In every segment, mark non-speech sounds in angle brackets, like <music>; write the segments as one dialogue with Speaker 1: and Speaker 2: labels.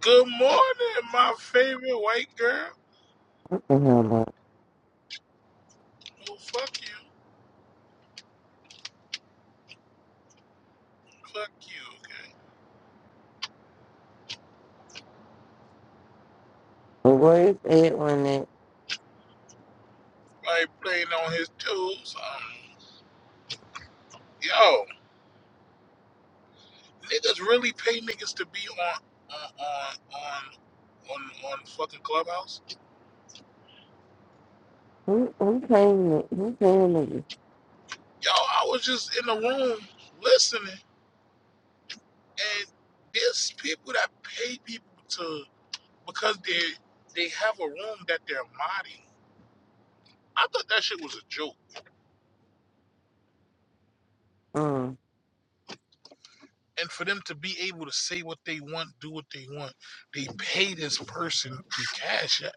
Speaker 1: Good morning, my favorite white girl.
Speaker 2: I'm like,
Speaker 1: Well, fuck you. Fuck you, okay?
Speaker 2: But where is Edwin it?
Speaker 1: Like playing on his toes. Um, yo, niggas really pay niggas to be on on on on on, on fucking clubhouse.
Speaker 2: Who who paying it? Who paying it?
Speaker 1: Yo, I was just in the room listening, and there's people that pay people to because they they have a room that they're modding. I thought that shit was a joke.
Speaker 2: Um,
Speaker 1: and for them to be able to say what they want, do what they want, they pay this person the cash. App.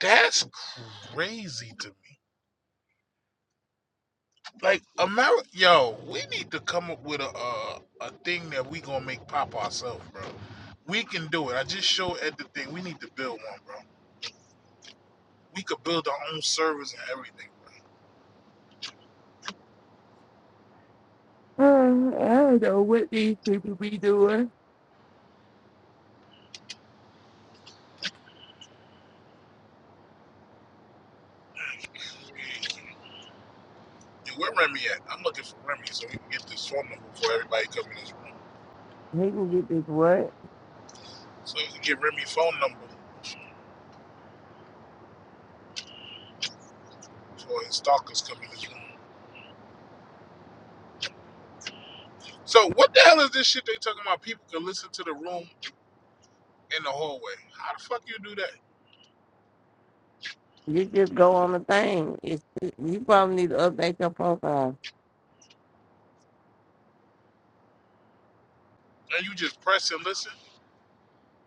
Speaker 1: That's crazy to me. Like America, yo, we need to come up with a a, a thing that we gonna make pop ourselves, bro. We can do it. I just showed Ed the thing. We need to build one, bro. We could build our own servers and everything.
Speaker 2: uh, I don't know what these people be doing.
Speaker 1: Bro. <laughs> Yo, where Remy at? I'm looking for Remy so we can get this phone number before everybody come in this room.
Speaker 2: They can get this what?
Speaker 1: So we can get Remy's phone number before his stalkers come in this room. So what the hell is this shit they talking about? People can listen to the room in the hallway. How the fuck you do that?
Speaker 2: You just go on the thing. It's you probably need to update your profile.
Speaker 1: And you just press and listen?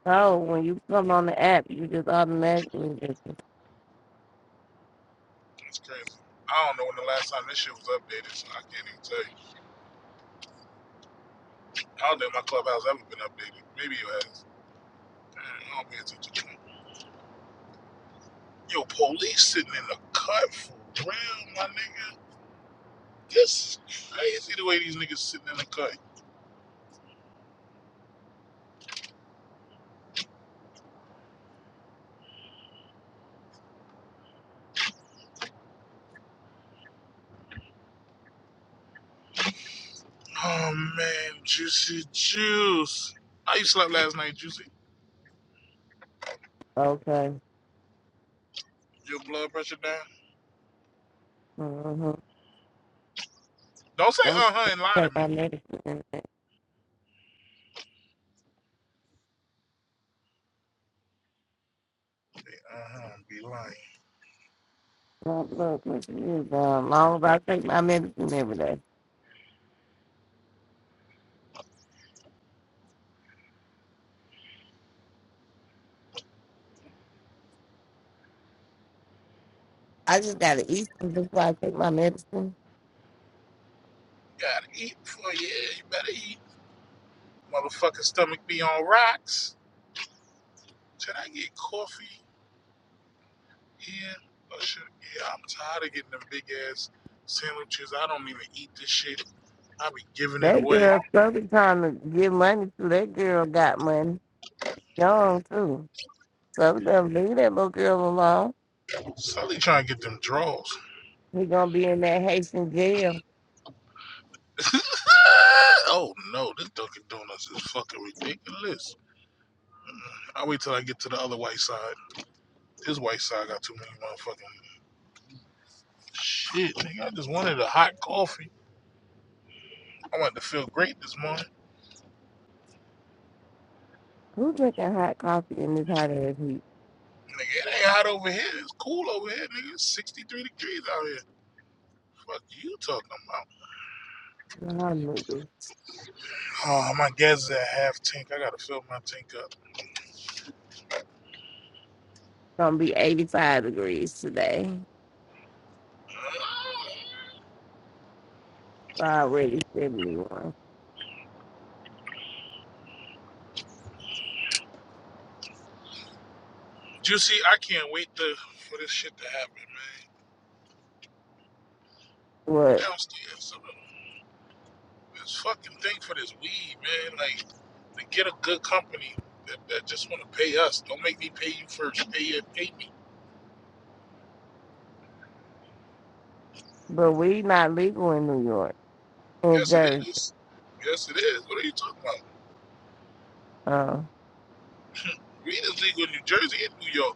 Speaker 2: Oh, when you come on the app, you just automatically just
Speaker 1: That's crazy. I don't know when the last time this shit was updated, so I can't even tell you. I don't think my clubhouse ever been updated. Maybe it has. I don't pay attention to it. Yo, police sitting in the cut for real, my nigga. This is crazy the way these niggas sitting in the cut. Oh man, juicy juice. How you slept last night, juicy?
Speaker 2: okay.
Speaker 1: Your blood pressure down?
Speaker 2: Mm-hmm.
Speaker 1: Don't say
Speaker 2: I'm
Speaker 1: uh huh and lie to
Speaker 2: take
Speaker 1: me.
Speaker 2: my medicine.
Speaker 1: Uh-huh, be lying.
Speaker 2: Look, look, look, it is, uh, long as I take my medicine every day. I just gotta eat some before I take my medicine.
Speaker 1: You gotta eat before you yeah, you better eat. Motherfucking stomach be on rocks. Should I get coffee in? Or should yeah, I'm tired of getting them big ass sandwiches. I don't even eat this shit. I be giving it
Speaker 2: That
Speaker 1: away.
Speaker 2: girl Southern trying to get money to that girl got money. Young too. Southern gonna leave that little girl alone.
Speaker 1: Sully trying to get them draws.
Speaker 2: He gonna be in that Haitian jail.
Speaker 1: <laughs> oh no, this Dunkin' Donuts is fucking ridiculous. Mm, I wait till I get to the other white side. This white side got too many motherfucking shit, nigga. I just wanted a hot coffee. I wanted to feel great this morning.
Speaker 2: Who drinking hot coffee in this hot ass heat?
Speaker 1: Nigga, it ain't hot over here. It's cool over here, nigga. It's 63 degrees out here. Fuck you talking about?
Speaker 2: you
Speaker 1: Oh, my gas is at half tank. I gotta fill my tank up.
Speaker 2: Gonna be eighty five degrees today. Already seventy one.
Speaker 1: Juicy, I can't wait to, for this shit to happen, man. Who
Speaker 2: What?
Speaker 1: downstairs? Some this fucking thing for this weed, man. Like, to get a good company that, that just want to pay us. Don't make me pay you first. Pay you, pay me.
Speaker 2: But we not legal in New York. In
Speaker 1: Yes, it
Speaker 2: Jersey.
Speaker 1: is. Yes, it is. What are you talking about?
Speaker 2: Uh,
Speaker 1: Weed is legal in New Jersey and New York.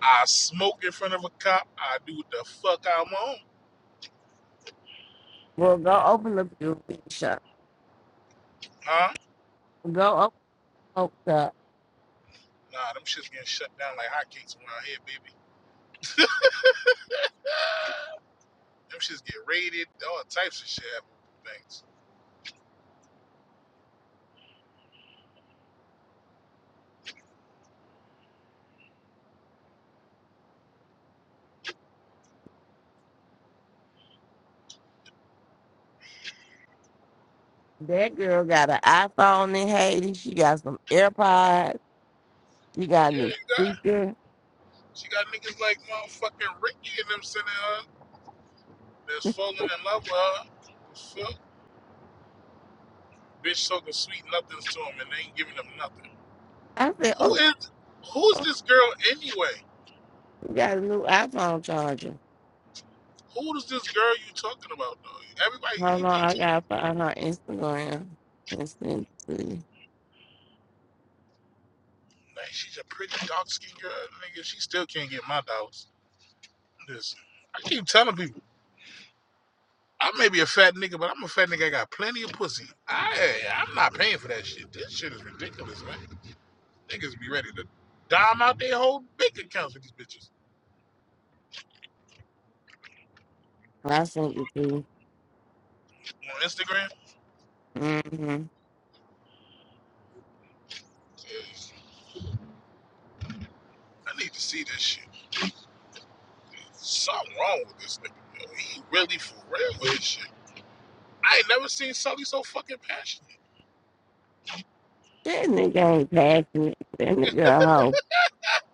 Speaker 1: I smoke in front of a cop. I do what the fuck I want.
Speaker 2: well go open up your weed shop.
Speaker 1: Huh?
Speaker 2: Go open up
Speaker 1: Nah, them shits getting shut down like hotcakes around here, baby. <sighs> Ah, Them shits get raided. All types of shit happen with things.
Speaker 2: That girl got an iPhone in Haiti. She got some AirPods. You got a
Speaker 1: Yeah,
Speaker 2: new
Speaker 1: you got.
Speaker 2: speaker.
Speaker 1: She got niggas like motherfucking Ricky and them sitting her that's falling in love with her. The fuck? Bitch talking sweet nothings to him and they ain't giving them nothing.
Speaker 2: I said,
Speaker 1: Who
Speaker 2: oh,
Speaker 1: is who's
Speaker 2: oh,
Speaker 1: this girl anyway?
Speaker 2: you got a new iPhone charger.
Speaker 1: Who is this girl you talking about though? Everybody
Speaker 2: Hold
Speaker 1: he
Speaker 2: on, I
Speaker 1: keeps
Speaker 2: gotta find her Instagram and send it to you.
Speaker 1: Like, she's a pretty dark skinned girl. Nigga, she still can't get my dogs. Listen, I keep telling people, I may be a fat nigga, but I'm a fat nigga. I got plenty of pussy. I, I'm not paying for that shit. This shit is ridiculous, man. Niggas be ready to dime out their whole bank accounts with these bitches.
Speaker 2: I sent it to you.
Speaker 1: On Instagram,
Speaker 2: Mm-hmm.
Speaker 1: Jeez, I need to see this shit. Something wrong with this nigga. Yo, he really for real with his shit. I ain't never seen Sully so fucking passionate. <laughs>
Speaker 2: That nigga ain't passing it. That nigga a hoe.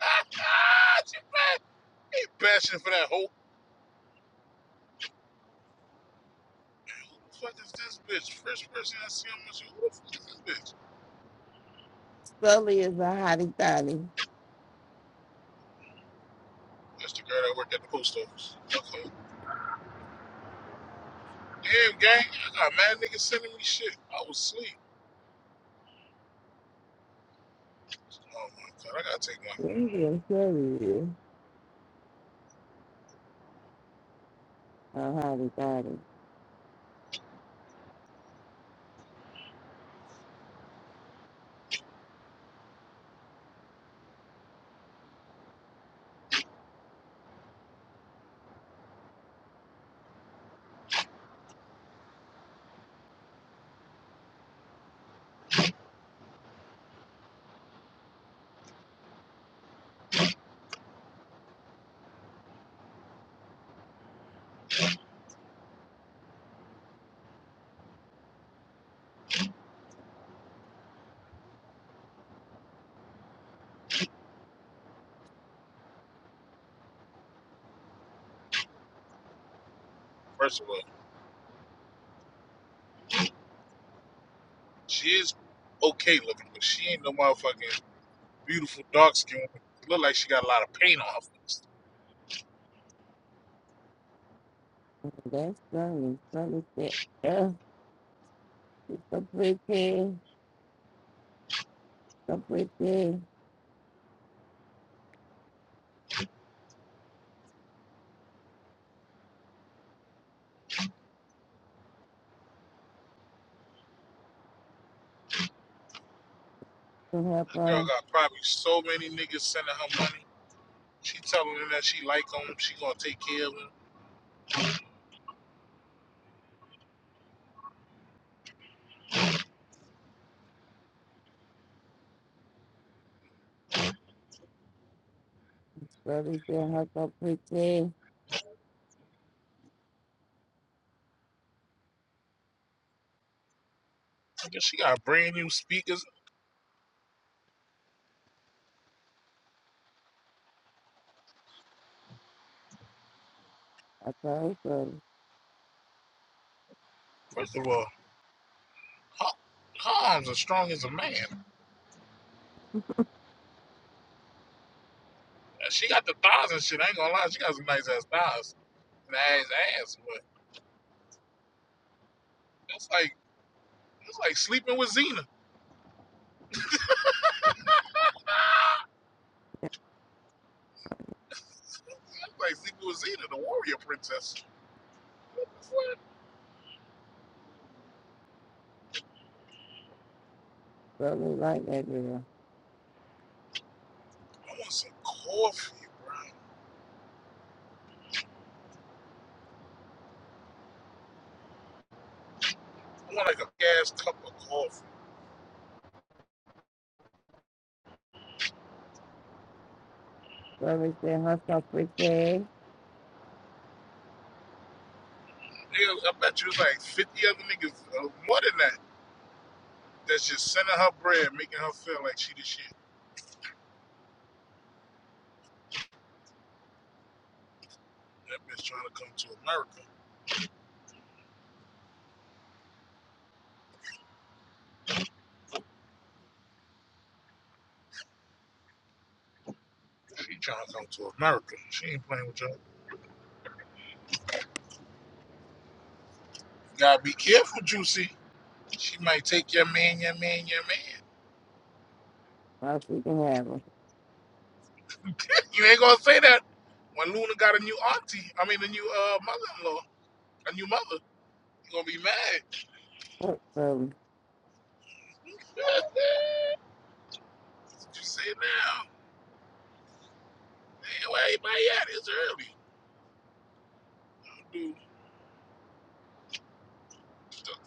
Speaker 1: Ah, she pa- he passionate for that whole. Who the fuck is this bitch? First person I see, I'm like, who the fuck is this bitch?
Speaker 2: Sully is a hottie thotty.
Speaker 1: That's the girl that worked at the post office. Okay. Damn, gang. I got mad niggas sending me shit. I was asleep. Oh my god, I gotta take one.
Speaker 2: That nigga Sully is a hottie thotty.
Speaker 1: First of all, she is okay looking, but she ain't no motherfucking beautiful dark skin. Look like she got a lot of paint on her face.
Speaker 2: That's Sully. Sully said, yeah, so pretty, so pretty. To help
Speaker 1: That girl
Speaker 2: her.
Speaker 1: got probably so many niggas sending her money. She telling them that she like them. She gonna take care of them.
Speaker 2: Sully said, her so pretty.
Speaker 1: She got brand new speakers.
Speaker 2: I told Sully.
Speaker 1: First of all, her, her arms are strong as a man. she got the thighs and shit. I ain't gonna lie, she got some nice ass thighs and ass ass. But it's like it's like sleeping with Xena. Nah, it's like sleeping with Xena, the warrior princess. What the fuck?
Speaker 2: Brother like that girl.
Speaker 1: I want some coffee, bro. I want like a ass cup of coffee.
Speaker 2: Brother said herself pretty. sad.
Speaker 1: Nigga, I bet you it's like fifty other niggas uh, more than that. That's just sending her bread, making her feel like she the shit. That bitch trying to come to America. She trying to come to America. She ain't playing with y'all. You gotta be careful, Juicy. She might take your man, your man, your man.
Speaker 2: How she can have her.
Speaker 1: You ain't gonna say that when Luna got a new auntie. I mean, a new uh, mother-in-law, a new mother. You gonna be mad?
Speaker 2: Look, Lovely.
Speaker 1: <laughs> What you say now? Man, where everybody at? It's early, dude. stuff.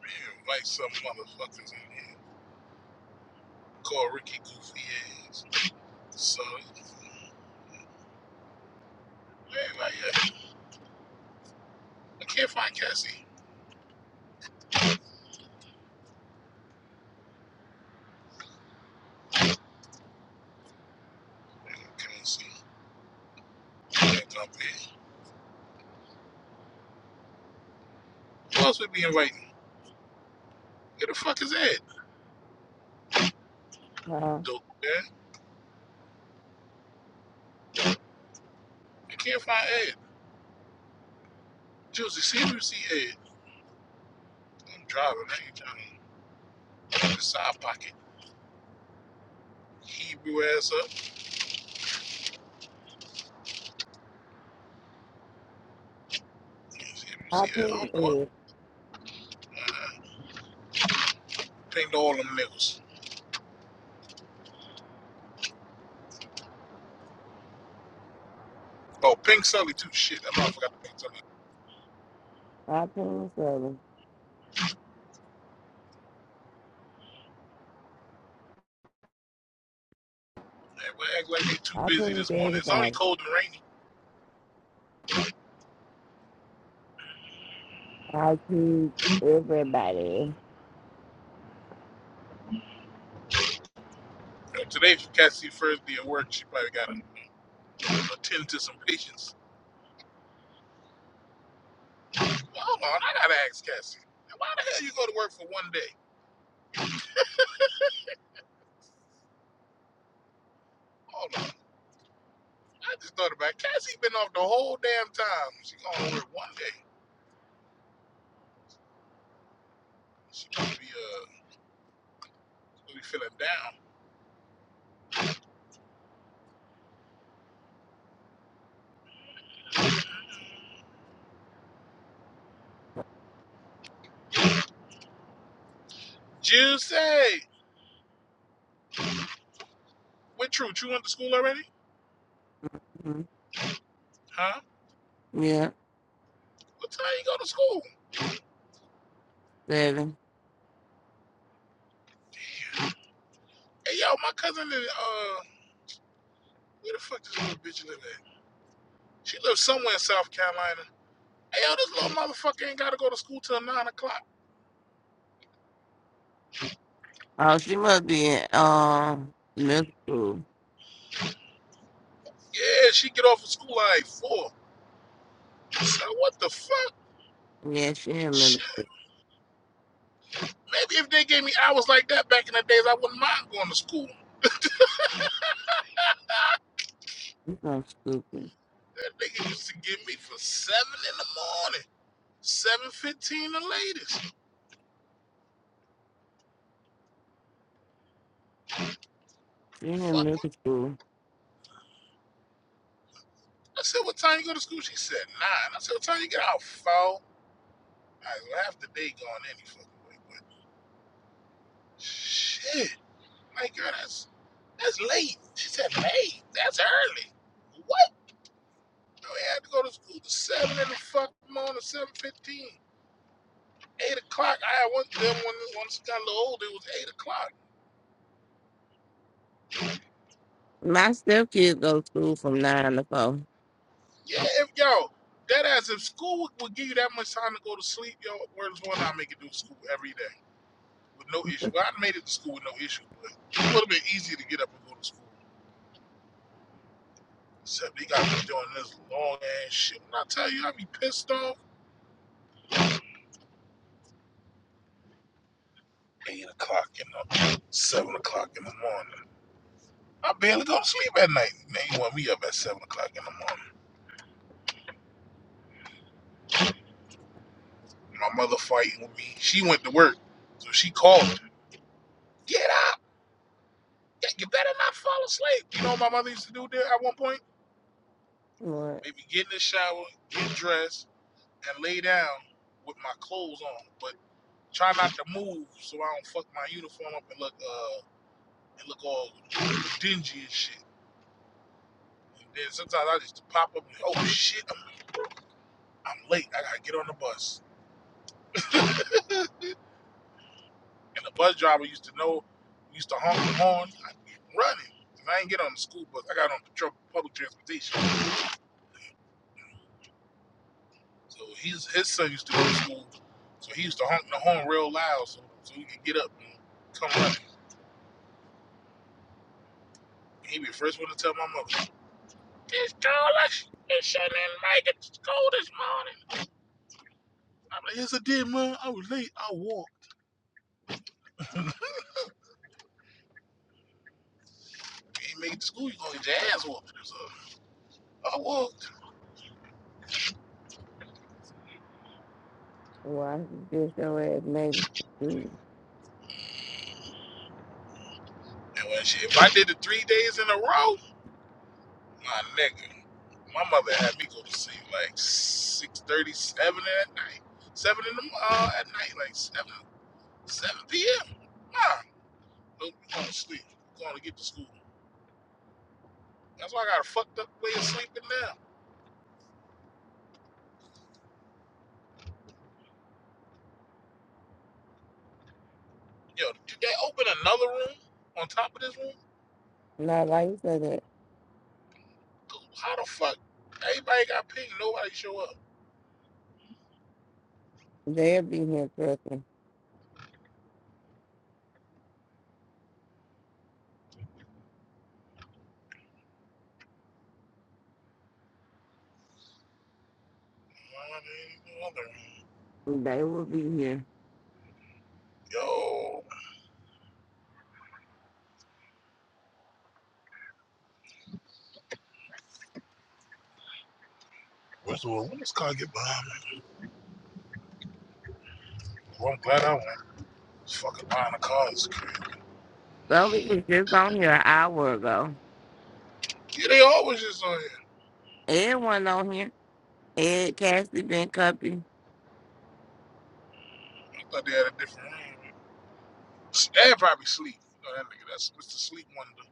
Speaker 1: Man, like some motherfuckers in here call Ricky goofy ass. So, man, like, uh, I can't find Cassie. Man, I can't see. Can't dump Ed. Who else would be inviting? Where the fuck is Ed?
Speaker 2: Uh,
Speaker 1: Dope, man. I can't find Ed. Juicy, see if you see Ed. I'm driving. I ain't driving. In the Side pocket. Hebrew ass up. Let me see, let me
Speaker 2: I
Speaker 1: that.
Speaker 2: ping
Speaker 1: Oh, boy.
Speaker 2: is.
Speaker 1: Pinged all them niggas. Oh, Pink Sully, too. Shit, I know I forgot to Pink Sully.
Speaker 2: I ping Lovely.
Speaker 1: Man, we act like they too
Speaker 2: I
Speaker 1: busy
Speaker 2: ping
Speaker 1: this
Speaker 2: to
Speaker 1: morning. It's only
Speaker 2: everybody.
Speaker 1: cold and rainy.
Speaker 2: I ping everybody.
Speaker 1: You know, today, for Cassie first day at work, she probably got to attend to some patients. Well, hold on, I got to ask Cassie. Why the hell you go to work for one day? Hold on. I just thought about it. Cassie been off the whole damn time. She going to work one day. She probably be, uh, probably feeling down. Juicy! What truth? You went to school already?
Speaker 2: hmm
Speaker 1: Huh?
Speaker 2: Yeah,
Speaker 1: What time you go to school?
Speaker 2: seven.
Speaker 1: Hey, yo, my cousin live uh, where the fuck this little bitch live at? She lives somewhere in South Carolina. Hey, yo, this little motherfucker ain't gotta go to school till nine o'clock.
Speaker 2: Oh, she must be in um middle school.
Speaker 1: Yeah, she get off of school like four. So what the fuck?
Speaker 2: Yeah, she in middle.
Speaker 1: Shit. Maybe if they gave me hours like that back in the days, I wouldn't mind going to school.
Speaker 2: She's so stupid.
Speaker 1: That nigga used to give me for seven in the morning, seven fifteen the latest.
Speaker 2: She in
Speaker 1: Fuck
Speaker 2: middle
Speaker 1: it.
Speaker 2: school.
Speaker 1: I said, what time you go to school? She said nine. I said, what time you get out? Four. I half the day gone any fucking way, but shit. My girl, that's that's late. She said, late? That's early. What? No, I had to go to school at 7 in the fucking morning, 7.15. 8 o'clock. I had one them when once I got a little older, it was 8 o'clock.
Speaker 2: My stepkids go to school from nine to four.
Speaker 1: Yeah, if, yo, that ass, if school would give you that much time to go to sleep, yo, where's one I make it do school every day with no issue. Well, I made it to school with no issue, but it would have been easier to get up and go to school. Except they got me doing this long ass shit. When I tell you, I be pissed off. eight o'clock in the seven o'clock in the morning. I barely go to sleep at night. They want me up at seven o'clock in the morning. My mother fighting with me. She went to work, so she called me. Get up! Yeah, You better not fall asleep. You know what my mother used to do there at one point?
Speaker 2: What?
Speaker 1: Maybe get in the shower, get dressed, and lay down with my clothes on, but try not to move so I don't fuck my uniform up and look uh and look all dingy and shit. And then sometimes I just pop up and oh shit, I'm I'm late. I gotta get on the bus. And the bus driver used to know, used to honk the horn. I get running. 'Cause I ain't get on the school bus. I got on patrol, public transportation. So his his son used to go to school. So he used to honk the horn real loud so, so he could get up and come running. He be the first one to tell my mother, This girl, I they shouldn't make it to school this morning. I'm like, yes, I did, man. I was late. I walked. <laughs> Can't make it to school. You gonna get your ass whooped. So I walked.
Speaker 2: Why this your ass made it? to school?
Speaker 1: And when she, if I did it three days in a row, My nigga, my mother had me go to sleep like six thirty, seven at night, seven in the mo- uh, at night, like seven, seven p.m. Nah, no, we going to sleep. we going to get to school. That's why I got a fucked up way of sleeping now. Yo, did they open another room on top of this room?
Speaker 2: Not like you said
Speaker 1: Dude, How the fuck? Everybody got pinged. Nobody show up.
Speaker 2: They'll be here, Christmas.
Speaker 1: Nah, no
Speaker 2: They will be here.
Speaker 1: Yo, where's the world? when this car get behind me? Well, I'm glad I went. This fucking line of cars is crazy.
Speaker 2: Somebody was just on here an hour ago.
Speaker 1: Yeah, they always just on here.
Speaker 2: Everyone on here. Ed, Cassie, Ben Cuppy.
Speaker 1: I thought they had a different room. Dad probably sleep. You know that nigga, that's Mr. Sleep Wonder.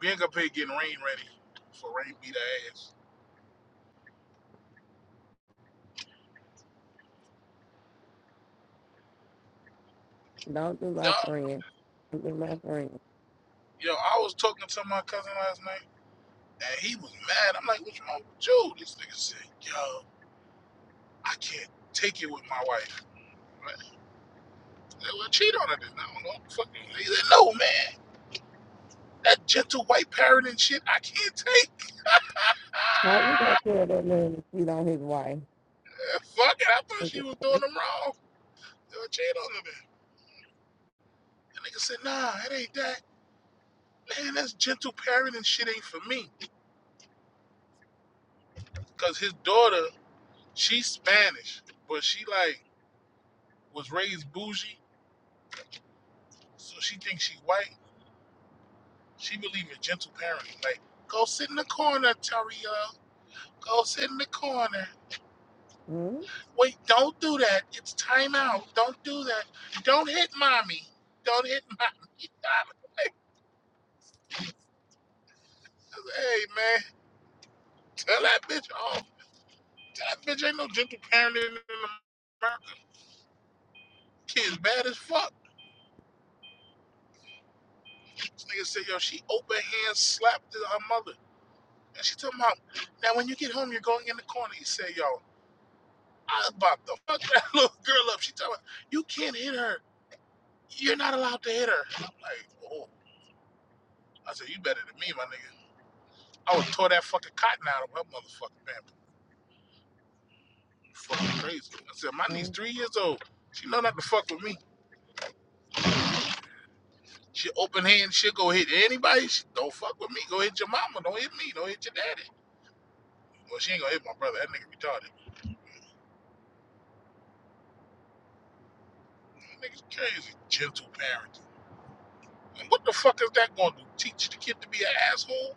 Speaker 1: We ain't gonna pay getting rain ready for rain beat her ass.
Speaker 2: Don't do
Speaker 1: Yo,
Speaker 2: my friend. Don't do my friend.
Speaker 1: yo, I was talking to my cousin last night and he was mad. I'm like, what's wrong with you? This nigga said, yo, I can't take it with my wife. I'm like, Well, cheat on her then. I don't know what the fuck you mean. He said, no, man. That gentle white parrot and shit, I can't take.
Speaker 2: How you gonna tell that man to cheat on his wife?
Speaker 1: <laughs> fuck it. I thought she was doing them wrong. Yo, cheat on her then. The nigga said, nah, it ain't that. man, that's gentle parenting shit ain't for me. Cause his daughter, she's Spanish, but she like was raised bougie, so she thinks she white. She believe in gentle parenting. Like, go sit in the corner, Tario. Go sit in the corner.
Speaker 2: Hmm?
Speaker 1: Wait, don't do that. It's time out. Don't do that. Don't hit mommy. Don't hit mommy. <laughs> hey man, tell that bitch off. Tell that bitch ain't no gentle parenting in America. Kids bad as fuck. This nigga said, yo, she open hand slapped her mother. And she talking about, now when you get home, you're going in the corner. He said, yo, I about to fuck that <laughs> little girl up. She talking about, you can't hit her. You're not allowed to hit her. I'm like, oh. I said, you better than me, my nigga. I would tore that fucking cotton out of her motherfucking pamper. Fucking crazy. I said, my niece three years old. She know not to fuck with me. She open hand, she'll go hit anybody. She don't fuck with me. Go hit your mama. Don't hit me. Don't hit your daddy. Well, she ain't gonna hit my brother. That nigga retarded. That Niggas crazy. Gentle parenting. And what the fuck is that going to teach the kid to be an asshole?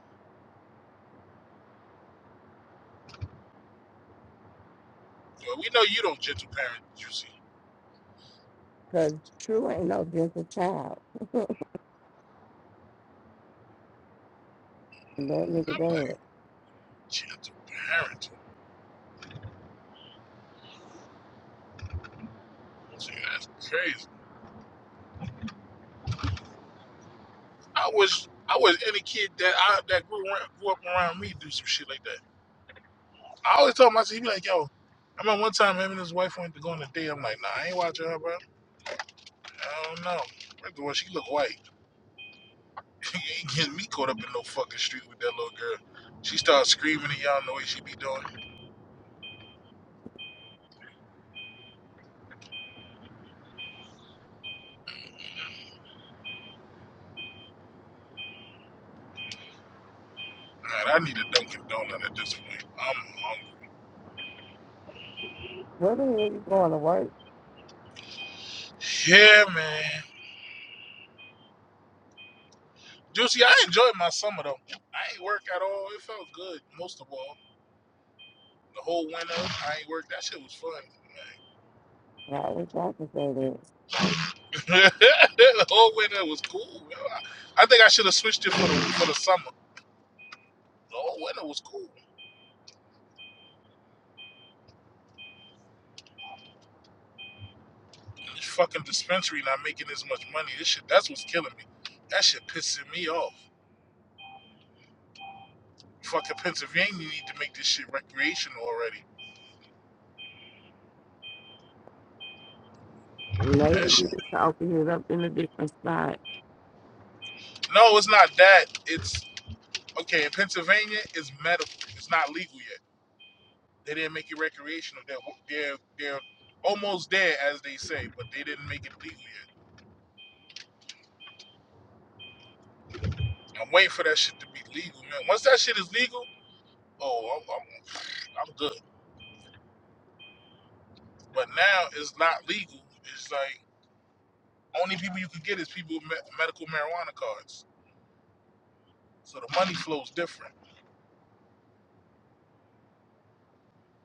Speaker 1: Well, we know you don't gentle parent, you see.
Speaker 2: Cause True ain't no gentle child. <laughs> that nigga
Speaker 1: I'm like,
Speaker 2: dead.
Speaker 1: gentle parenting? See, that's crazy. I wish I wish any kid that I that grew, around, grew up around me do some shit like that. I always tell myself, he be like, yo, I remember one time him and his wife went to go on a date. I'm like, nah, I ain't watching her, bro. I don't know. First of all, she look white. <laughs> you ain't getting me caught up in no fucking street with that little girl. She starts screaming and y'all know what she be doing. Man, I need a Dunkin' Donut at this point. I'm hungry.
Speaker 2: Where the hell you going to work?
Speaker 1: Yeah, man. Juicy, I enjoyed my summer though. I ain't work at all. It felt good, most of all. The whole winter, I ain't work. That shit was fun,
Speaker 2: I wish I could say that.
Speaker 1: man. <laughs> the whole winter was cool. I I think I should have switched it for the for the summer. The whole winter was cool. This fucking dispensary not making as much money. This shit, that's what's killing me. That shit pissing me off. Fucking Pennsylvania need to make this shit recreational already. That
Speaker 2: Maybe
Speaker 1: shit.
Speaker 2: you just open it up in a different spot.
Speaker 1: No, it's not that. It's Okay, in Pennsylvania, it's medical. It's not legal yet. They didn't make it recreational. They're they're they're almost there, as they say, but they didn't make it legal yet. I'm waiting for that shit to be legal, man. Once that shit is legal, oh, I'm I'm, I'm good. But now it's not legal. It's like only people you can get is people with me- medical marijuana cards. So the money flows different.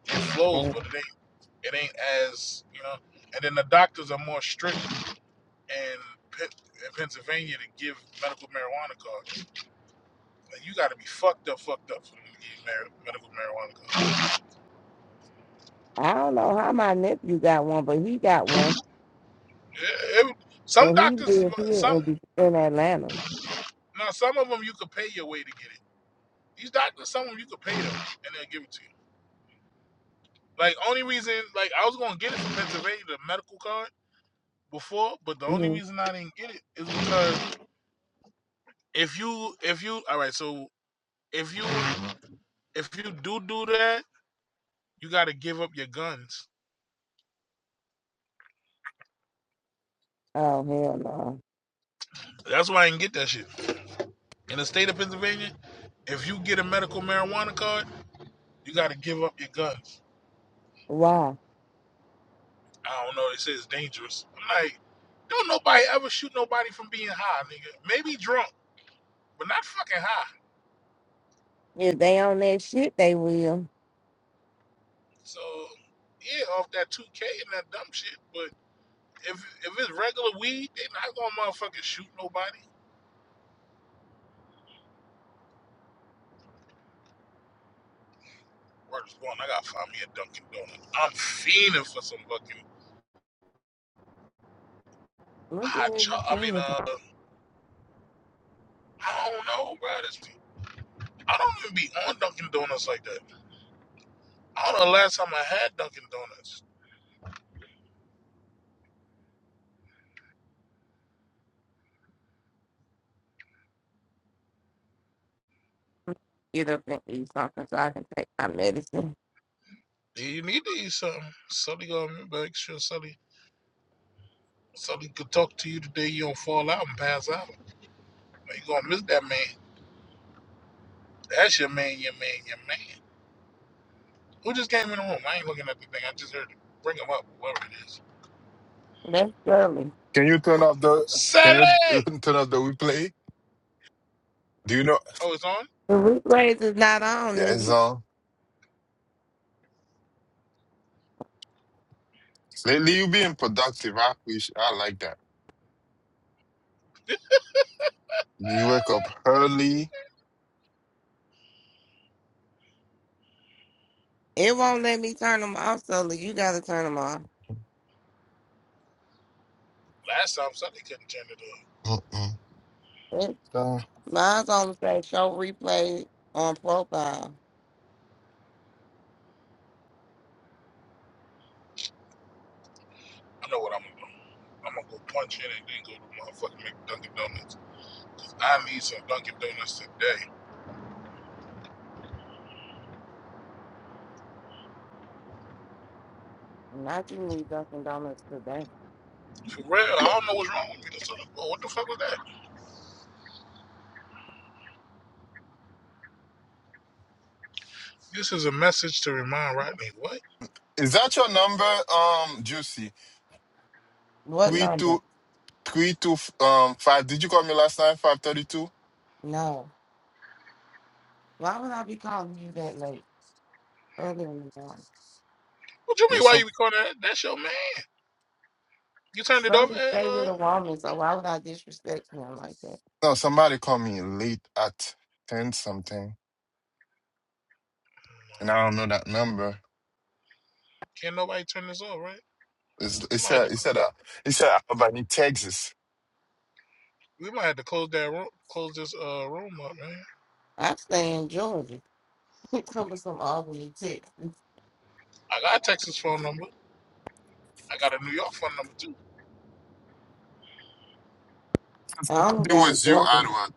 Speaker 1: It flows,
Speaker 2: Damn.
Speaker 1: but it ain't it ain't as you know. And then the doctors are more strict in, Pen- in Pennsylvania to give medical marijuana cards. But you got to be fucked up, fucked up for them to give you mar- medical marijuana. card.
Speaker 2: I don't know how my nephew got one, but he got one.
Speaker 1: It- it- some
Speaker 2: Well, he
Speaker 1: doctors,
Speaker 2: live here
Speaker 1: some
Speaker 2: in, Be- in Atlanta.
Speaker 1: now some of them you could pay your way to get it. These doctors, some of them you could pay them and they'll give it to you. Like only reason, like I was gonna get it from Pennsylvania, the medical card before, but the only
Speaker 2: hmm
Speaker 1: reason I didn't get it is because if you, if you, all right, so if you, if you do do that, you got to give up your guns.
Speaker 2: Oh, hell no.
Speaker 1: That's why I didn't get that shit in the state of Pennsylvania. If you get a medical marijuana card You got to give up your guns.
Speaker 2: Why?
Speaker 1: I don't know. They say it's dangerous. I'm like, don't nobody ever shoot nobody from being high, nigga. Maybe drunk, but not fucking high.
Speaker 2: If they on that shit, they will.
Speaker 1: So yeah, off that 2K and that dumb shit. But if if it's regular weed, they not gonna motherfucking shoot nobody. Where's going? I gotta find me a Dunkin' Donuts. I'm fiending for some fucking
Speaker 2: Look
Speaker 1: hot
Speaker 2: at
Speaker 1: chocolate. I mean,
Speaker 2: everything if I
Speaker 1: uh, I don't know, bro. This I don't even be on Dunkin' Donuts like that. I don't know the last time I had Dunkin' Donuts.
Speaker 2: get up and eat something so I can take my medicine.
Speaker 1: Yeah, you need to eat something. Sully gonna remember, make sure Sully Sully could talk to you today. You don't fall out and pass out. You gonna miss that man. That's your man, your man, your man. Who just came in the room? I ain't looking at the thing. I just heard it. Bring him up, whoever it is.
Speaker 2: That's early.
Speaker 3: Can you turn up the
Speaker 1: Sully.
Speaker 3: can you <laughs> turn up the replay? Do you know
Speaker 1: Oh, it's on.
Speaker 2: The replays is not on,
Speaker 3: yeah,
Speaker 2: is
Speaker 3: it's
Speaker 2: it?
Speaker 3: on. Lately you being productive. I appreciate I like that. You wake up early.
Speaker 2: It won't let me turn them off, so look, you gotta turn them off.
Speaker 1: Last time Sully couldn't turn it up.
Speaker 3: Mm-mm.
Speaker 2: It-
Speaker 3: Uh,
Speaker 2: Mine's on say show replay on profile.
Speaker 1: I know what I'm gonna do. I'm gonna go punch in and then go to motherfucking make Dunkin' Donuts. I need some Dunkin' Donuts today.
Speaker 2: Not you need Dunkin' Donuts today.
Speaker 1: For real, I don't know what's wrong with me. This other- oh, What the fuck was that? This is a message to remind Rodney. What?
Speaker 3: Is that your number, um, Juicy?
Speaker 2: What
Speaker 3: Three
Speaker 2: number?
Speaker 3: two three two f- um five. Did you call me last time? Five thirty two?
Speaker 2: No. Why would I be calling you that late? Early in the morning.
Speaker 1: What you mean?
Speaker 3: Yes,
Speaker 1: Why
Speaker 3: sir.
Speaker 1: you be calling that? That's your man. You turned it
Speaker 2: Some
Speaker 1: off. At,
Speaker 2: stay with
Speaker 1: uh,
Speaker 2: a woman, so why would I disrespect them like that?
Speaker 3: No, somebody called me late at ten something, and I don't know that number.
Speaker 1: can't nobody turn this off, right?
Speaker 3: It's, it
Speaker 1: You might have to.
Speaker 3: said it said uh, it said Albany, Texas.
Speaker 1: We might have to close that room. Close this uh room up, man.
Speaker 2: I stay in Georgia. <laughs> Come with some Albany, Texas.
Speaker 1: I got a Texas phone number. I got a New York phone number too.
Speaker 2: I don't
Speaker 3: It
Speaker 2: got a
Speaker 3: was you,
Speaker 2: Georgia.
Speaker 3: Edward.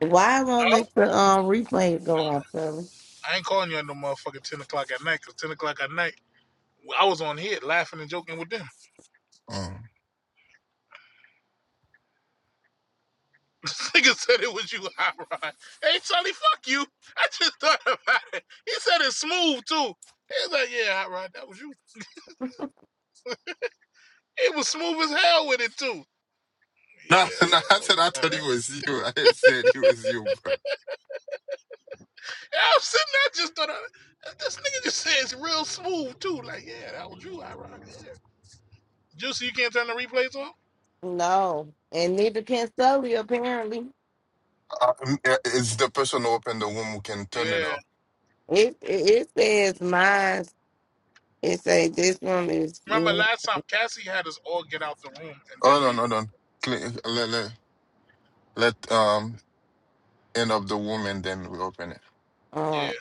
Speaker 2: Why won't
Speaker 1: No,
Speaker 2: let the um replay go on, Sully?
Speaker 1: I ain't calling you at no motherfucking ten o'clock at night. Cause ten o'clock at night, I was on here laughing and joking with them. <laughs>
Speaker 3: Mm.
Speaker 1: This Nigga said it was you, hot rod. Hey, Charlie, fuck you. I just thought about it. He said it's smooth too. He was like, yeah, hot rod, that was you. It was smooth as hell with it too. Yeah.
Speaker 3: No, <laughs> no, I
Speaker 1: Uh-huh.
Speaker 3: said I thought
Speaker 1: Yeah,
Speaker 3: he was you. I said he was you, bro.
Speaker 1: Yeah, I'm sitting there just thought I, this nigga just says real smooth too. Like, yeah, that was you, ironic. Yeah. Juicy, you can't turn the replays off?
Speaker 2: No, and neither can Sully. Apparently,
Speaker 3: Uh, it's the person who opened the womb who can turn it
Speaker 1: Yeah.
Speaker 3: off.
Speaker 2: it it, it says mine. It say this one is
Speaker 1: Remember
Speaker 2: being
Speaker 1: last time Cassie had us all get out the room and then
Speaker 3: Hold on,
Speaker 1: reopen.
Speaker 3: hold on. Cle- Let, let, let um end up the womb and then we open it.
Speaker 2: on.
Speaker 1: Yeah.